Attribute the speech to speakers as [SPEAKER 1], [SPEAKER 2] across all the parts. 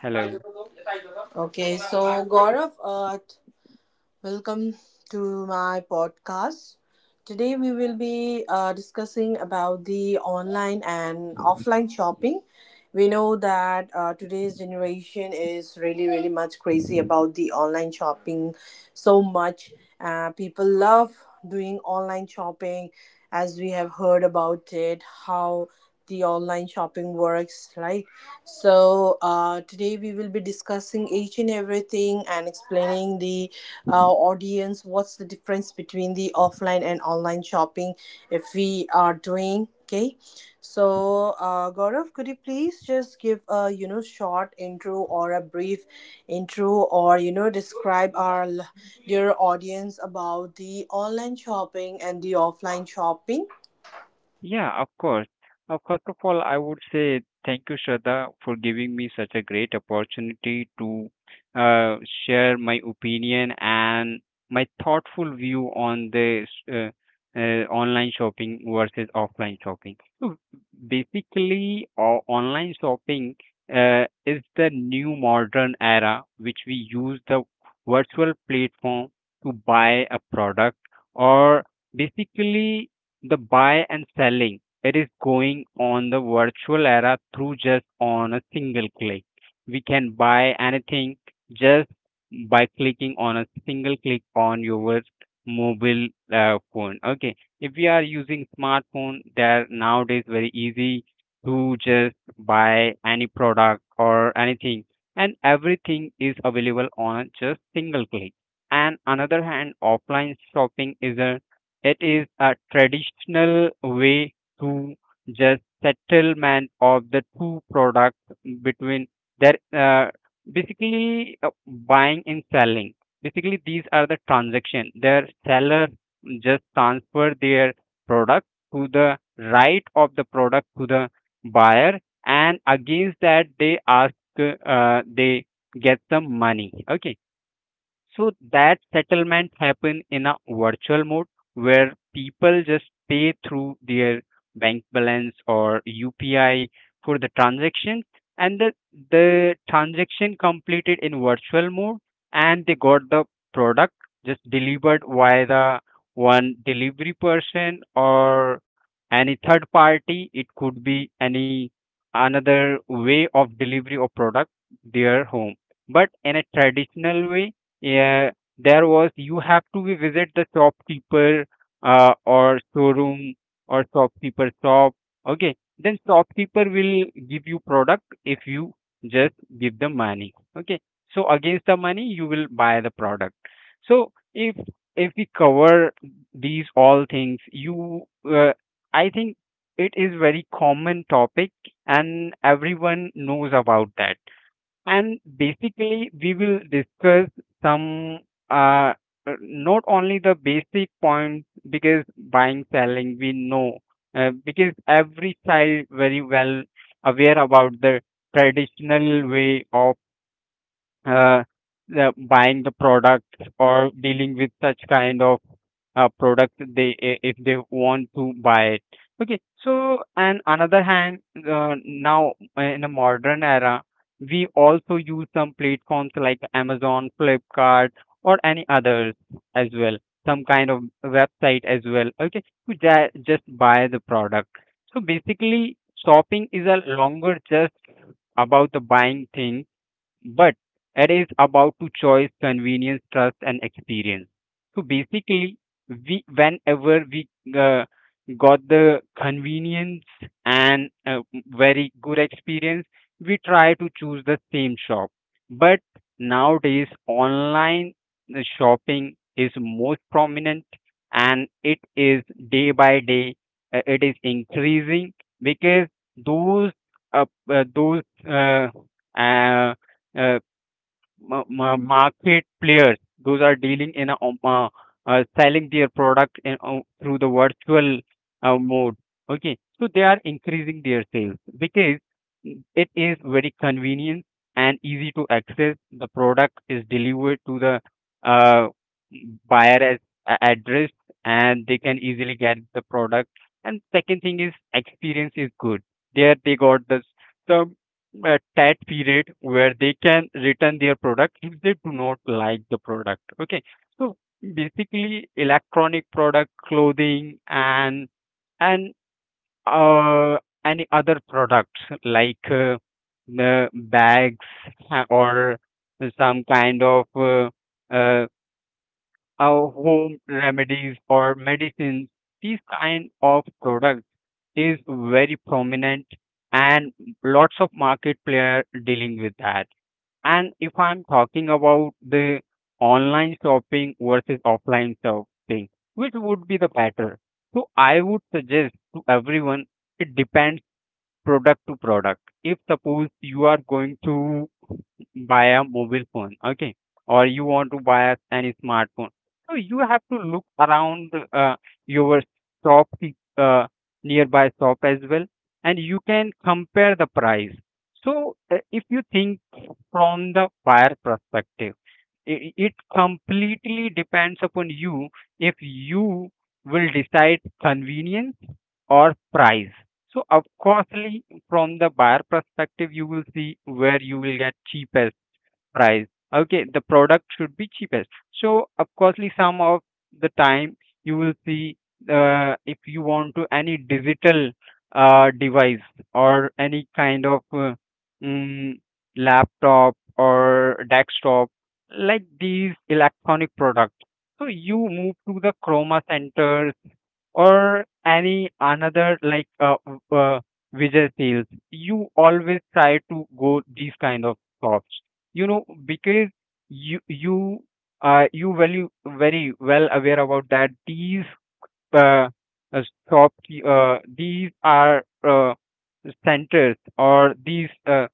[SPEAKER 1] Hello.
[SPEAKER 2] Okay, so Gaurav, welcome to my podcast. Today we will be discussing about the online and offline shopping. We know that today's generation is really, really much crazy about the online shopping so much. People love doing online shopping as we have heard about it, how the online shopping works, right? So, today we will be discussing each and everything and explaining the audience what's the difference between the offline and online shopping if we are doing, okay? So Gaurav, could you please just give a, you know, short intro or a brief intro, or, you know, describe our dear audience about the online shopping and the offline shopping?
[SPEAKER 1] Yeah, of course. First of all, I would say thank you, Shraddha, for giving me such a great opportunity to uh, share my opinion and my thoughtful view on this online shopping versus offline shopping. So basically, online shopping is the new modern era which we use the virtual platform to buy a product, or basically the buy and selling it is going on the virtual era. Through just on a single click we can buy anything, just by clicking on a single click on your mobile phone. Okay, if we are using smartphone, they're nowadays very easy to just buy any product or anything, and everything is available on a just single click. And another hand, offline shopping is a, it is a traditional way to just settlement of the two products between their basically buying and selling. Basically, these are the transaction. Their seller just transfer their product to the right of the product to the buyer, and against that they ask they get some money. Okay, so that settlement happen in a virtual mode where people just pay through their bank balance or UPI for the transaction, and the transaction completed in virtual mode, and they got the product just delivered via the one delivery person or any third party. It could be any another way of delivery of product their home. But in a traditional way, yeah, there was you have to be visit the shopkeeper, or showroom or shopkeeper shop. Okay, then shopkeeper will give you product if you just give the money. Okay, so against the money you will buy the product. So if we cover these all things, you uh, I think it is very common topic and everyone knows about that, and basically we will discuss some uh not only the basic points, because buying selling we know, because every child very well aware about the traditional way of uh, the buying the product or dealing with such kind of product they if they want to buy it. Okay, so and another hand, now in a modern era we also use some platforms like Amazon, Flipkart, or any others as well, some kind of website as well. Okay, to just buy the product. So basically, shopping is a longer just about the buying thing, but it is about to choice, convenience, trust and experience. So basically, we whenever we uh, got the convenience and a very good experience, we try to choose the same shop. But nowadays online shopping is most prominent, and it is day by day it is increasing, because those uh, those uh, uh, uh, ma- ma- market players, those are dealing in a selling their product in, through the virtual mode. Okay, so they are increasing their sales, because it is very convenient and easy to access. The product is delivered to the uh, buyer as address, and they can easily get the product. And second thing is experience is good. There they got this a tat period where they can return their product if they do not like the product. Okay, so basically electronic product, clothing, and and uh, any other products like the bags, or some kind of uh, our home remedies or medicines, these kind of products is very prominent, and lots of market player dealing with that. And if I'm talking about the online shopping versus offline shopping, which would be the better, so I would suggest to everyone it depends product to product. If suppose you are going to buy a mobile phone, okay, or you want to buy any smartphone. So you have to look around your shop, uh, nearby shop as well, and you can compare the price. So if you think from the buyer perspective, it completely depends upon you if you will decide convenience or price. So of course, from the buyer perspective, you will see where you will get cheapest price. Okay, the product should be cheapest. So, of coursely, some of the time you will see if you want to any digital device or any kind of mm, laptop or desktop, like these electronic products. So you move to the Chroma centers or any another like Vijay sales. You always try to go these kind of shops. You know, because you you you value very well aware about that these uh, uh, shop, these are centers, or these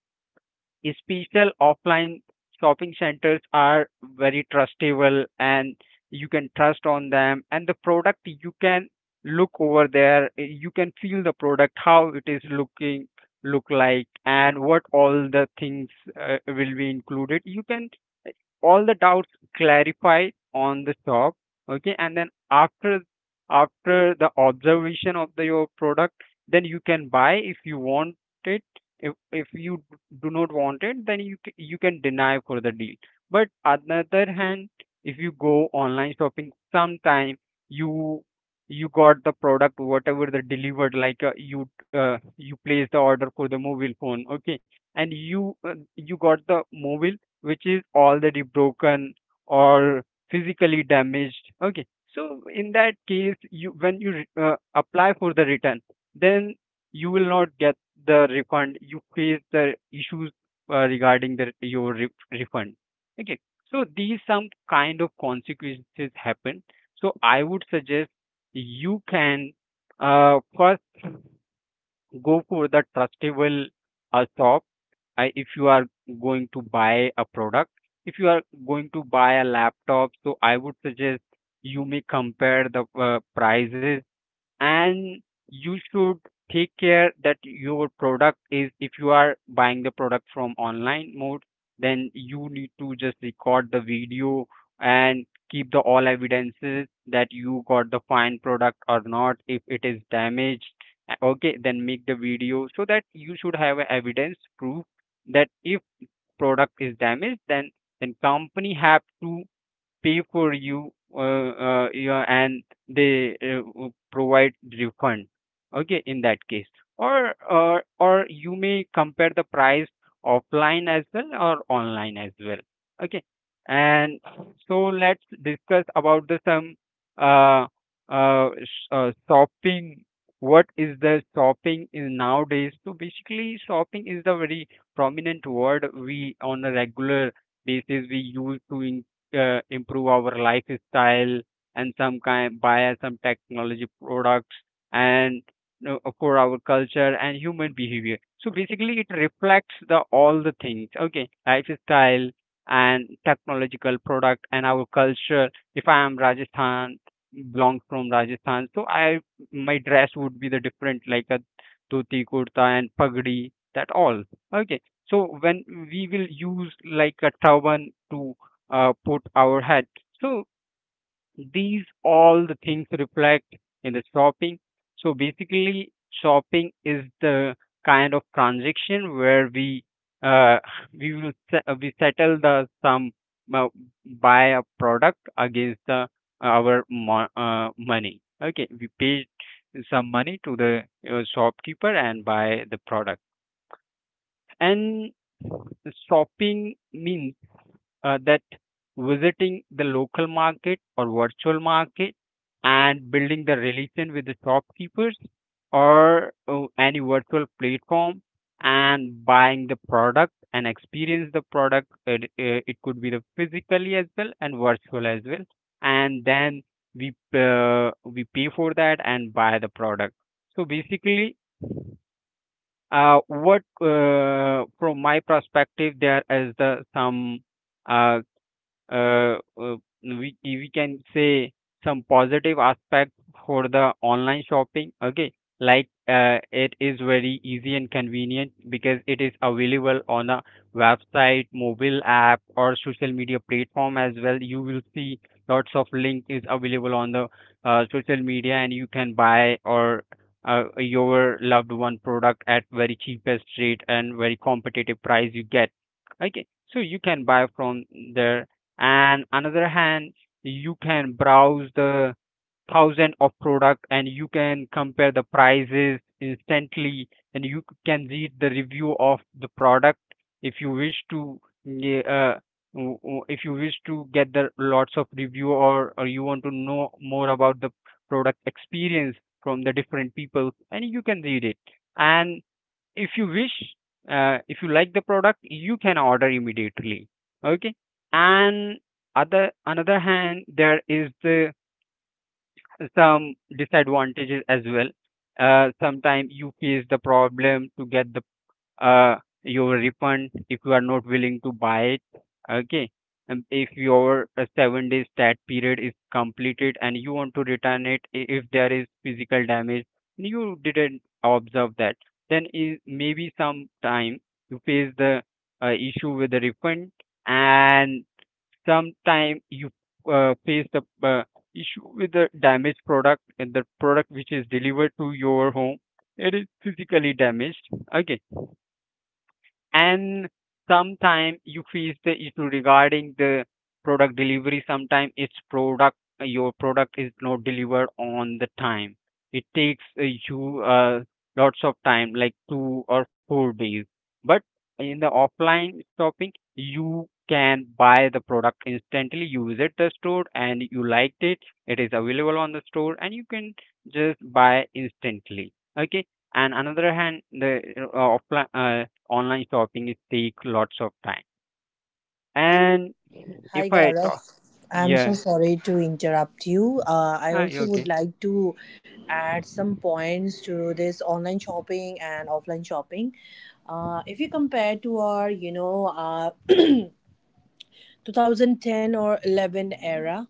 [SPEAKER 1] special offline shopping centers are very trustable and you can trust on them, and the product you can look over there. Eh, you can feel the product how it is looking, look like, and what all the things will be included. You can eh, all the doubts clarified on the shop. Okay, and then after the observation of the, your product, then you can buy if you want it. If you do not want it, then you you can deny for the deal. But on the other hand, if you go online shopping, sometime you you got the product whatever the delivered, like you place the order for the mobile phone, okay, and you you got the mobile which is already broken or physically damaged. Okay, so in that case, you when you apply for the return, then you will not get the refund, you face the issues regarding the your refund. Okay, so these some kind of consequences happen. So I would suggest you can first go for the trustable shop. I, if you are going to buy a product, if you are going to buy a laptop, so I would suggest you may compare the prices, and you should take care that your product is, if you are buying the product from online mode, then you need to just record the video and keep the all evidences that you got the fine product or not. If it is damaged, okay, then make the video so that you should have a evidence proof that if product is damaged, then company have to pay for you, yeah, and they provide refund, okay, in that case. Or you may compare the price offline as well or online as well. Okay, and so let's discuss about the some uh, shopping. What is the shopping in nowadays? So basically shopping is the very prominent word. We on a regular basis we use to improve our lifestyle and some kind buy some technology products and you know, for our culture and human behavior. So basically, it reflects the all the things. Okay, lifestyle and technological product and our culture. If I am Rajasthan, belong from Rajasthan, so I, my dress would be the different like a dhoti kurta and pagdi, that all. Okay, so when we will use like a turban to put our head. So these all the things reflect in the shopping. So basically, shopping is the kind of transaction where we uh, we will we settle the some uh, buy a product against the our money. Okay, we paid some money to the shopkeeper and buy the product. And shopping means that visiting the local market or virtual market, and building the relation with the shopkeepers or any virtual platform, and buying the product and experience the product. It could be the physically as well and virtual as well, and then we pay for that and buy the product. So basically, what from my perspective there is the some uh, uh, uh, we can say some positive aspect for the online shopping. Okay, like it is very easy and convenient because it is available on a website, mobile app, or social media platform as well. You will see lots of link is available on the social media, and you can buy or your loved one product at very cheapest rate, and very competitive price you get. Okay, so you can buy from there. And another hand, you can browse the thousand of product and you can compare the prices instantly, and you can read the review of the product if you wish to. Yeah, if you wish to get the lots of review, or you want to know more about the product experience from the different people, and you can read it. And if you wish, if you like the product, you can order immediately. Okay, and other another hand, there is the some disadvantages as well. Sometimes you face the problem to get the uh, your refund if you are not willing to buy it. Okay. And if your 7 days stat period is completed and you want to return it, if there is physical damage, you didn't observe that, then is maybe sometime you face the issue with the refund. And sometime you face the issue with the damaged product, and the product which is delivered to your home, it is physically damaged. Okay. And sometimes you face the issue regarding the product delivery. Sometimes it's product your product is not delivered on the time. It takes you lots of time, like 2 or 4 days. But in the offline shopping, you can buy the product instantly. You visit the store and you liked it, it is available on the store and you can just buy instantly. Okay. And another hand, the offline online shopping is take lots of time.
[SPEAKER 2] Uh,
[SPEAKER 1] And if
[SPEAKER 2] Hi
[SPEAKER 1] I
[SPEAKER 2] Gaurav,
[SPEAKER 1] talk,
[SPEAKER 2] I'm so
[SPEAKER 1] yeah,
[SPEAKER 2] sorry to interrupt you. I
[SPEAKER 1] ah, yeah,
[SPEAKER 2] also would
[SPEAKER 1] okay,
[SPEAKER 2] like to add some points to this online shopping and offline shopping. If you compare to our, you know, 2010 or 11 era,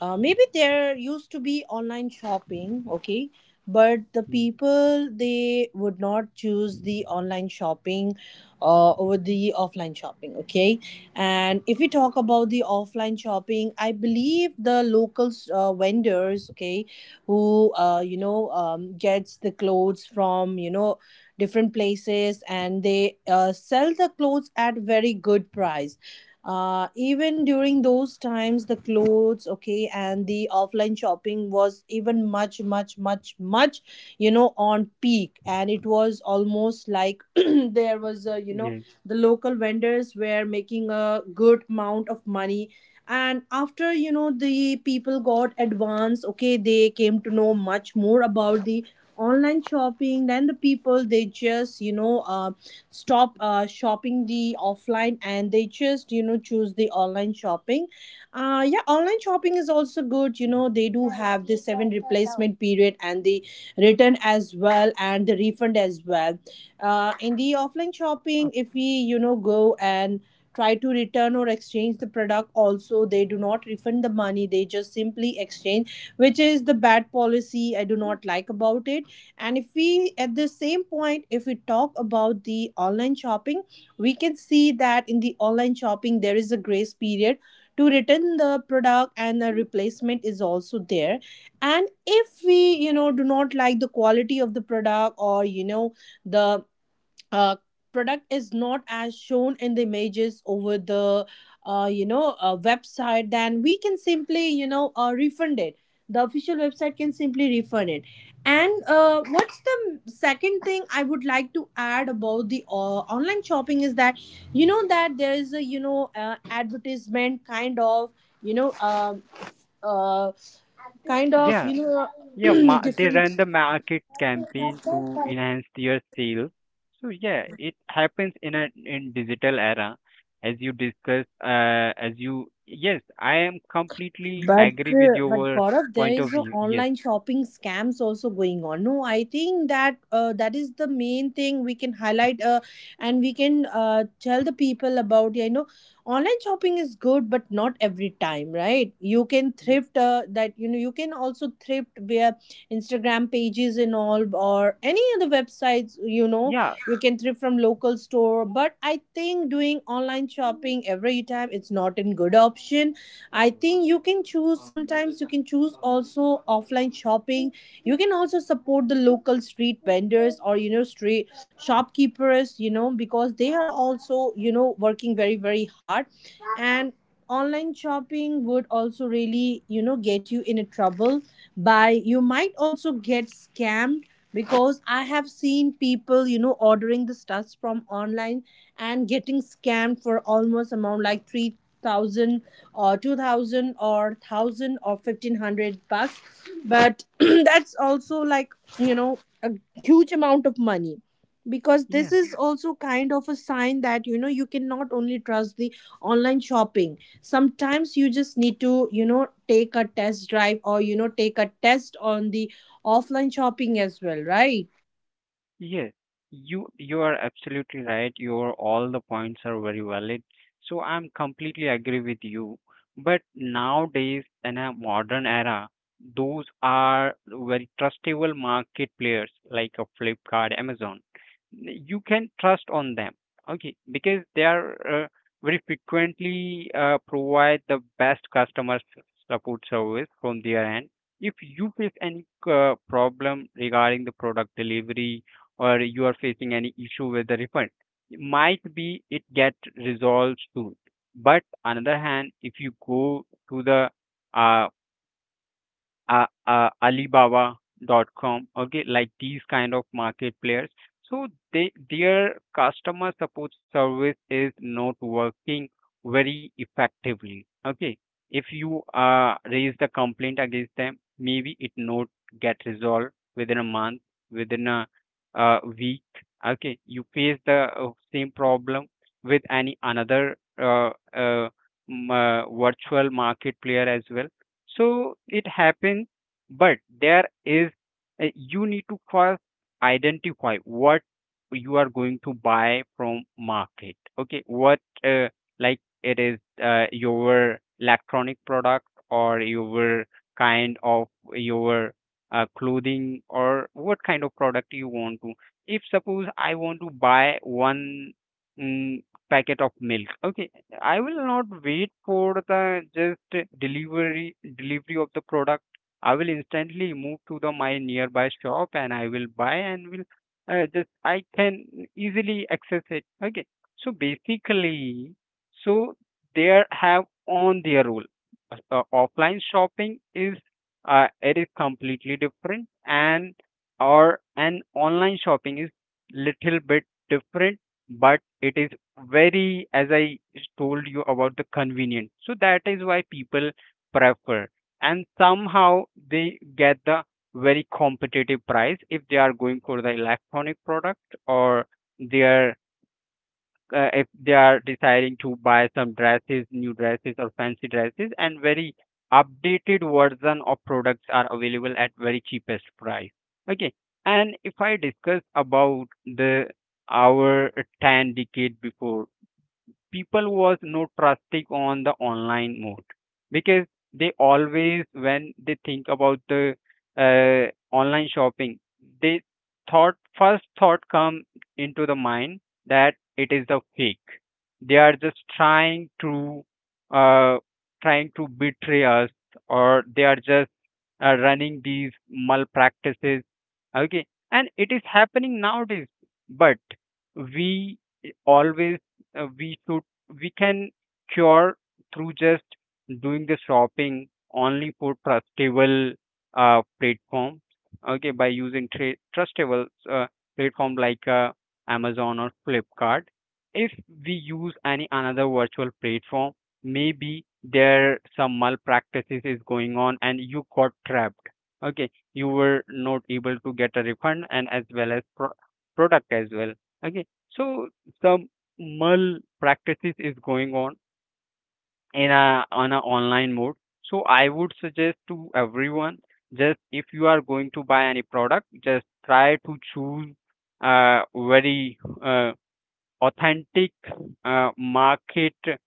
[SPEAKER 2] maybe there used to be online shopping, okay, but the
[SPEAKER 1] Mm,
[SPEAKER 2] people, they would not choose the online shopping over the offline shopping, okay. And if we talk about the offline shopping, I believe the local vendors, okay, who, gets the clothes from, you know, different places, and they sell the clothes at very good price. Uh, even during those times, the clothes, okay, and the offline shopping was even much much much much, you know, on peak, and it was almost like there was a, you know,
[SPEAKER 1] yeah,
[SPEAKER 2] the local vendors were making a good amount of money. And after, you know, the people got advanced, okay, they came to know much more about the online shopping. Then the people, they just, you know, stop shopping the offline, and they just, you know, choose the online shopping. Uh, yeah, online shopping is also good, you know, they do have the seven replacement period, and the return as well and the refund as well. Uh, in the offline shopping, if we, you know, go and try to return or exchange the product also, they do not refund the money, they just simply exchange, which is the bad policy, I do not like about it. And if we, at the same point, if we talk about the online shopping, we can see that in the online shopping there is a grace period to return the product, and a replacement is also there. And if we, you know, do not like the quality of the product, or, you know, the uh, product is not as shown in the images over the, website, then we can simply, you know, refund it. The official website can simply refund it. And what's the second thing I would like to add about the online shopping is that, you know, that there is a, you know, advertisement kind of, you know um uh, kind of,
[SPEAKER 1] yeah, they
[SPEAKER 2] different.
[SPEAKER 1] run the market campaign to enhance their sales. So yeah, it happens in a in digital era, as you discussed. As you Yes, I am completely
[SPEAKER 2] But
[SPEAKER 1] agree with your
[SPEAKER 2] Gaurav, there
[SPEAKER 1] point of
[SPEAKER 2] is a
[SPEAKER 1] view. Yes,
[SPEAKER 2] online shopping scams also going on. No, I think that that is the main thing we can highlight, and we can tell the people about. You know, online shopping is good, but not every time, right? You can
[SPEAKER 1] yes,
[SPEAKER 2] thrift that. You know, you can also thrift via Instagram pages and all, or any other websites. You know,
[SPEAKER 1] yeah,
[SPEAKER 2] you can thrift from local store. But I think doing online shopping every time, it's not a good option. I think you can choose, sometimes you can choose also offline shopping. You can also support the local street vendors, or, you know, street shopkeepers, you know, because they are also, you know, working very very hard. And online shopping would also really, you know, get you in a trouble by, you might also get scammed, because I have seen people, you know, ordering the stuffs from online and getting scammed for almost amount like 3000 or 2000 or 1000 or $1500. But that's also like, you know, a huge amount of money, because this
[SPEAKER 1] yeah.
[SPEAKER 2] is also kind of a sign that, you know, you can not only trust the online shopping. Sometimes you just need to, you know, take a test drive, or, you know, take a test on the offline shopping as well, right?
[SPEAKER 1] Yes, you are absolutely right. Your all the points are very valid. So I'm completely agree with you. But nowadays in a modern era, those are very trustable market players like a Flipkart, Amazon. You can trust on them, okay, because they are very frequently provide the best customer support service from their end. If you face any problem regarding the product delivery, or you are facing any issue with the refund, might be it get resolved soon. But another hand, if you go to the uh, Alibaba.com, okay, like these kind of market players. So they their customer support service is not working very effectively. Okay, if you raise the complaint against them, maybe it not get resolved within a month, within a week. Okay, you face the same problem with any another virtual market player as well. So it happens, but there is, you need to first identify what you are going to buy from market. Okay, what like it is your electronic product or your kind of your clothing, or what kind of product you want to. If suppose I want to buy one mm, packet of milk, okay, I will not wait for the just delivery of the product. I will instantly move to the my nearby shop and I will buy and will just I can easily access it. Okay, so basically, so there have on their role. Offline shopping is it is completely different, and or an online shopping is little bit different, but it is very, as I told you about the convenient, so that is why people prefer. And somehow they get the very competitive price if they are going for the electronic product, or they are if they are deciding to buy some dresses, new dresses or fancy dresses, and very updated version of products are available at very cheapest price. Okay. And if I discuss about the our 10 decade before, people was not trusting on the online mode, because they always when they think about the uh, online shopping, they thought first thought come into the mind that it is the fake, they are just trying to uh, trying to betray us, or they are just running these malpractices. Okay. And it is happening nowadays, but we always, we should, we can cure through just doing the shopping only for trustable platform. Okay, by using trustable platform like Amazon or Flipkart. If we use any another virtual platform, maybe there some malpractices is going on and you got trapped. Okay, you were not able to get a refund and as well as product as well. Okay, so some malpractices is going on in a on a online mode. So I would suggest to everyone, just if you are going to buy any product, just try to choose a very authentic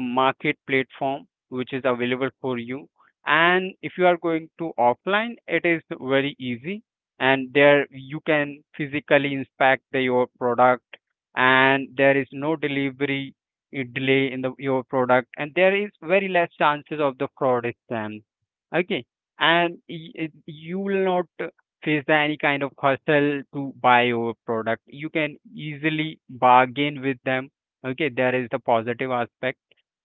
[SPEAKER 1] market platform which is available for you. And if you are going to offline, it is very easy, and there you can physically inspect the, your product, and there is no delivery delay in the your product, and there is very less chances of the fraud scams. Okay. And you will not face the any kind of hustle to buy your product. You can easily bargain with them. Okay, there is the positive aspect,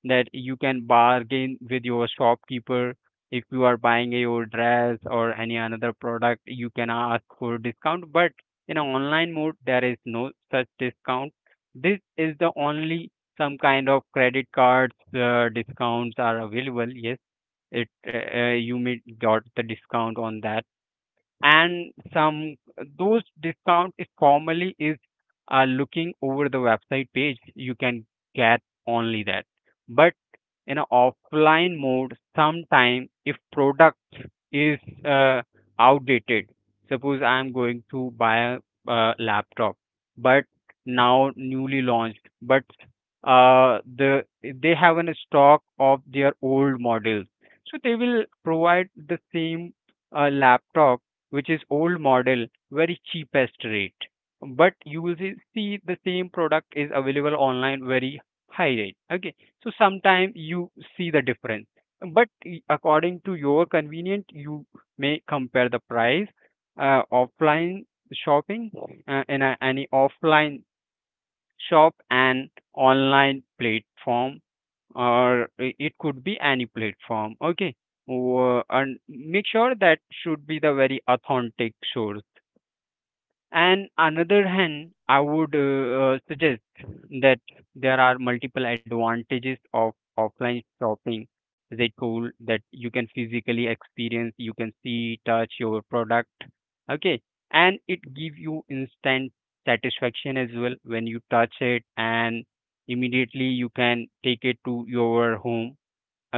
[SPEAKER 1] that you can bargain with your shopkeeper. If you are buying your dress or any another product, you can ask for discount, but in an online mode there is no such discount. This is the only some kind of credit cards discounts are available. Yes, it you may got the discount on that. And some, those discount is formally is looking over the website page, you can get only that. But in a offline mode, sometime if product is uh, outdated. Suppose I am going to buy a laptop, but now newly launched, but uh, the they have an stock of their old models, so they will provide the same laptop which is old model, very cheapest rate. But you will see the same product is available online very high rate. Okay, so sometimes you see the difference. But according to your convenience, you may compare the price offline shopping in a, any offline shop, and online platform, or it could be any platform. Okay. And make sure that should be the very authentic source. And another hand, I would suggest that there are multiple advantages of offline shopping as a tool, that you can physically experience, you can see touch your product. Okay, and it give you instant satisfaction as well when you touch it, and immediately you can take it to your home.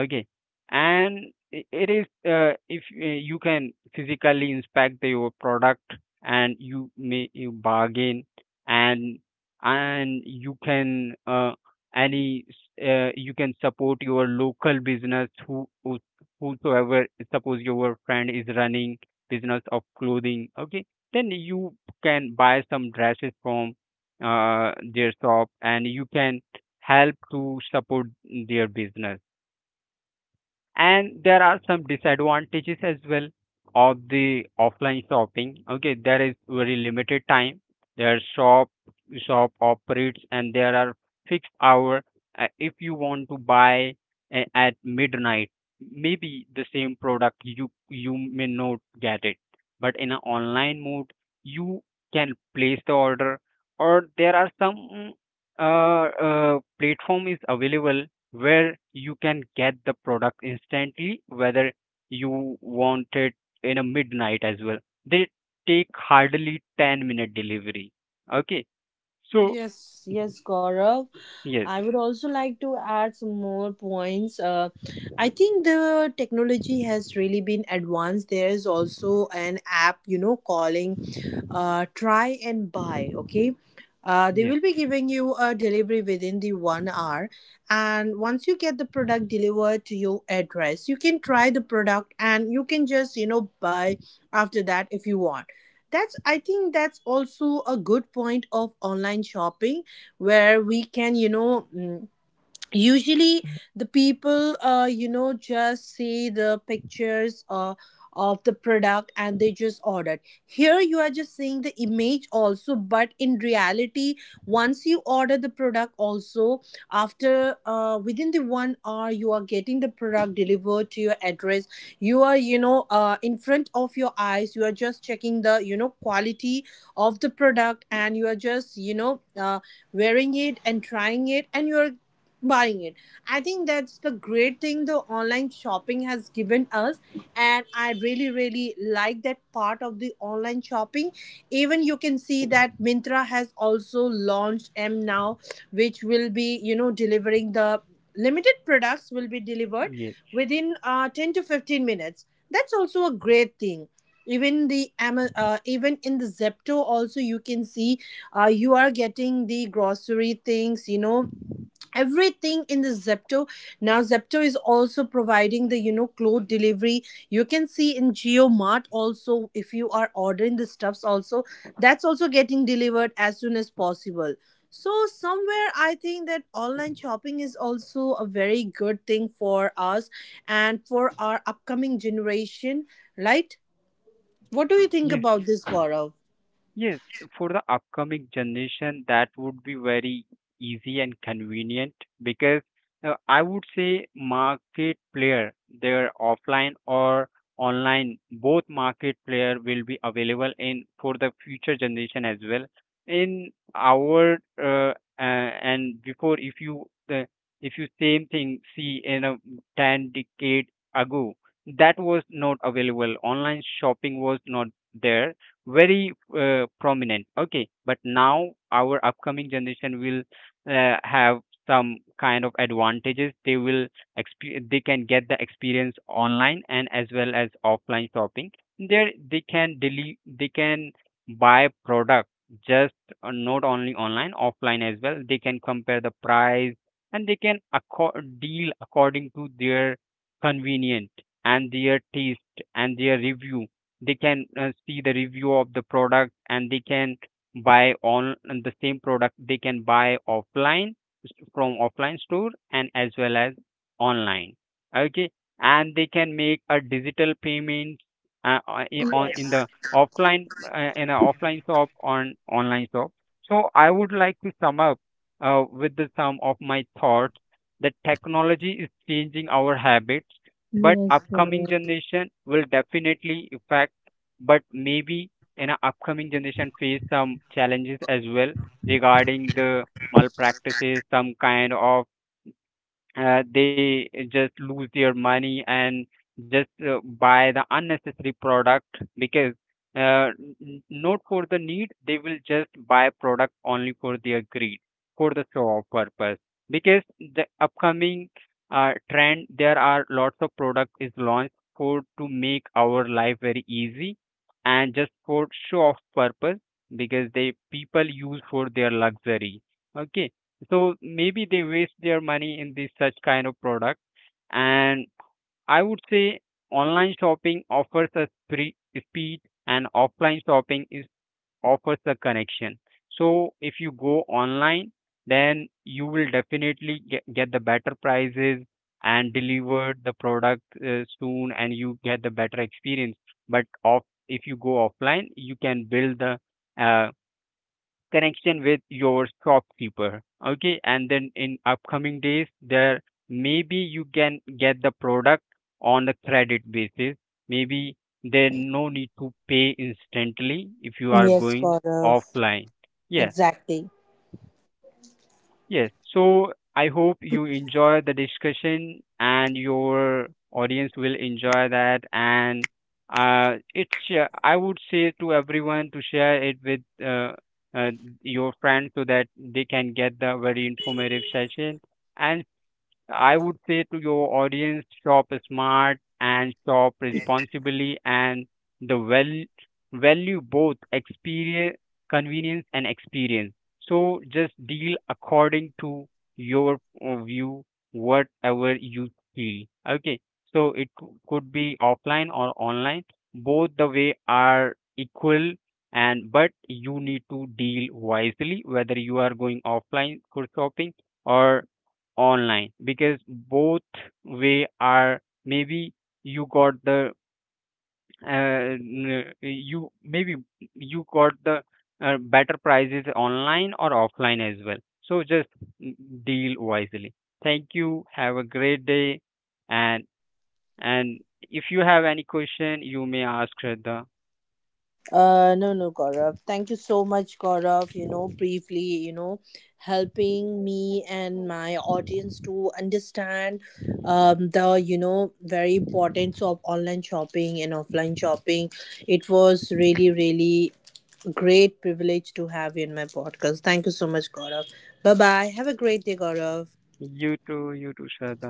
[SPEAKER 1] Okay. And it is if you can physically inspect the, your product, and you may you bargain, and and you can you can support your local business, whosoever. Suppose your friend is running business of clothing, okay, then you can buy some dresses from their shop, and you can help to support their business. And there are some disadvantages as well of the offline shopping. Okay, there is very limited time their shop operates, and there are fixed hour. If you want to buy at midnight, maybe the same product you may not get it. But in an online mode, you can place the order, or there are some platform is available where you can get the product instantly, whether you want it in a midnight as well. They take hardly 10-minute delivery. Okay. So
[SPEAKER 2] Yes, yes, Gaurav.
[SPEAKER 1] yes,
[SPEAKER 2] I would also like to add some more points. I think the technology has really been advanced. There is also an app, you know, calling Try and Buy. Okay. They
[SPEAKER 1] yes,
[SPEAKER 2] will be giving you a delivery within the 1 hour. And once you get the product delivered to your address, you can try the product and you can just, you know, buy after that if you want. That's, I think that's also a good point of online shopping, where we can, you know, usually the people, you know, just see the pictures of the product, and they just ordered. Here you are just seeing the image also, but in reality, once you order the product also, after within the 1 hour you are getting the product delivered to your address. You are, you know, in front of your eyes you are just checking the, you know, quality of the product, and you are just, you know, wearing it and trying it, and you're buying it. I think that's the great thing the online shopping has given us, and I really really like that part of the online shopping. Even you can see that Mintra has also launched M now, which will be, you know, delivering the limited products will be delivered
[SPEAKER 1] yes,
[SPEAKER 2] within 10 to 15 minutes. That's also a great thing. Even the even in the Zepto also you can see, you are getting the grocery things, you know, everything in the Zepto. Now Zepto is also providing the, you know, cloth delivery. You can see in Geomart also, if you are ordering the stuffs also, that's also getting delivered as soon as possible. So somewhere I think that online shopping is also a very good thing for us, and for our upcoming generation, right? What do you think
[SPEAKER 1] yes.
[SPEAKER 2] about this, Gaurav?
[SPEAKER 1] Yes, for the upcoming generation, that would be very easy and convenient, because I would say market player, their offline or online, both market player will be available in for the future generation as well. In our and before, if you same thing see in a 10 decade ago, that was not available. Online shopping was not there very prominent. Okay, but now our upcoming generation will have some kind of advantages. They will they can get the experience online and as well as offline shopping. There they can they can buy product just, not only online, offline as well. They can compare the price, and they can deal according to their convenient and their taste and their review. They can see the review of the product, and they can buy on, and the same product they can buy offline from offline store and as well as online. Okay. And they can make a digital payment uh, uh, on in
[SPEAKER 2] Yes.
[SPEAKER 1] the offline in a offline shop on online shop. So I would like to sum up with the sum of my thoughts, that technology is changing our habits, but
[SPEAKER 2] Yes,
[SPEAKER 1] upcoming
[SPEAKER 2] Gaurav.
[SPEAKER 1] generation will definitely affect. But maybe in our upcoming generation face some challenges as well regarding the malpractices, some kind of they just lose their money and just buy the unnecessary product. Because uh, n- not for the need, they will just buy product only for their greed, for the show off purpose. Because the upcoming trend, there are lots of product is launched for to make our life very easy, and just for show off purpose, because they people use for their luxury. Okay, so maybe they waste their money in this such kind of product. And I would say online shopping offers a speed, and offline shopping is offers a connection. So if you go online, then you will definitely get the better prices, and deliver the product soon, and you get the better experience. But off, if you go offline, you can build the uh, connection with your shopkeeper. Okay, and then in upcoming days, there maybe you can get the product on a credit basis. Maybe there no need to pay instantly if you are
[SPEAKER 2] Yes,
[SPEAKER 1] going
[SPEAKER 2] Gaurav.
[SPEAKER 1] offline. Yes.
[SPEAKER 2] Exactly.
[SPEAKER 1] Yes. So I hope you enjoy the discussion and your audience will enjoy that. And it's I would say to everyone to share it with uh, your friends, so that they can get the very informative session. And I would say to your audience, shop smart and shop responsibly, and the well value both experience, convenience and experience. So just deal according to your view, whatever you feel. Okay. So it could be offline or online. Both the way are equal, and but you need to deal wisely whether you are going offline for shopping or online, because both way are maybe you got the uh, you maybe you got the better prices online or offline as well. So just mm, deal wisely. Thank you, have a great day. And and if you have any question, you may ask Shraddha.
[SPEAKER 2] No, no, Gaurav, thank you so much, Gaurav. You know, briefly, you know, helping me and my audience to understand, the, you know, very importance of online shopping and offline shopping. It was really, really great privilege to have you in my podcast. Thank you so much, Gaurav. Bye bye. Have a great day, Gaurav.
[SPEAKER 1] You too, Shraddha.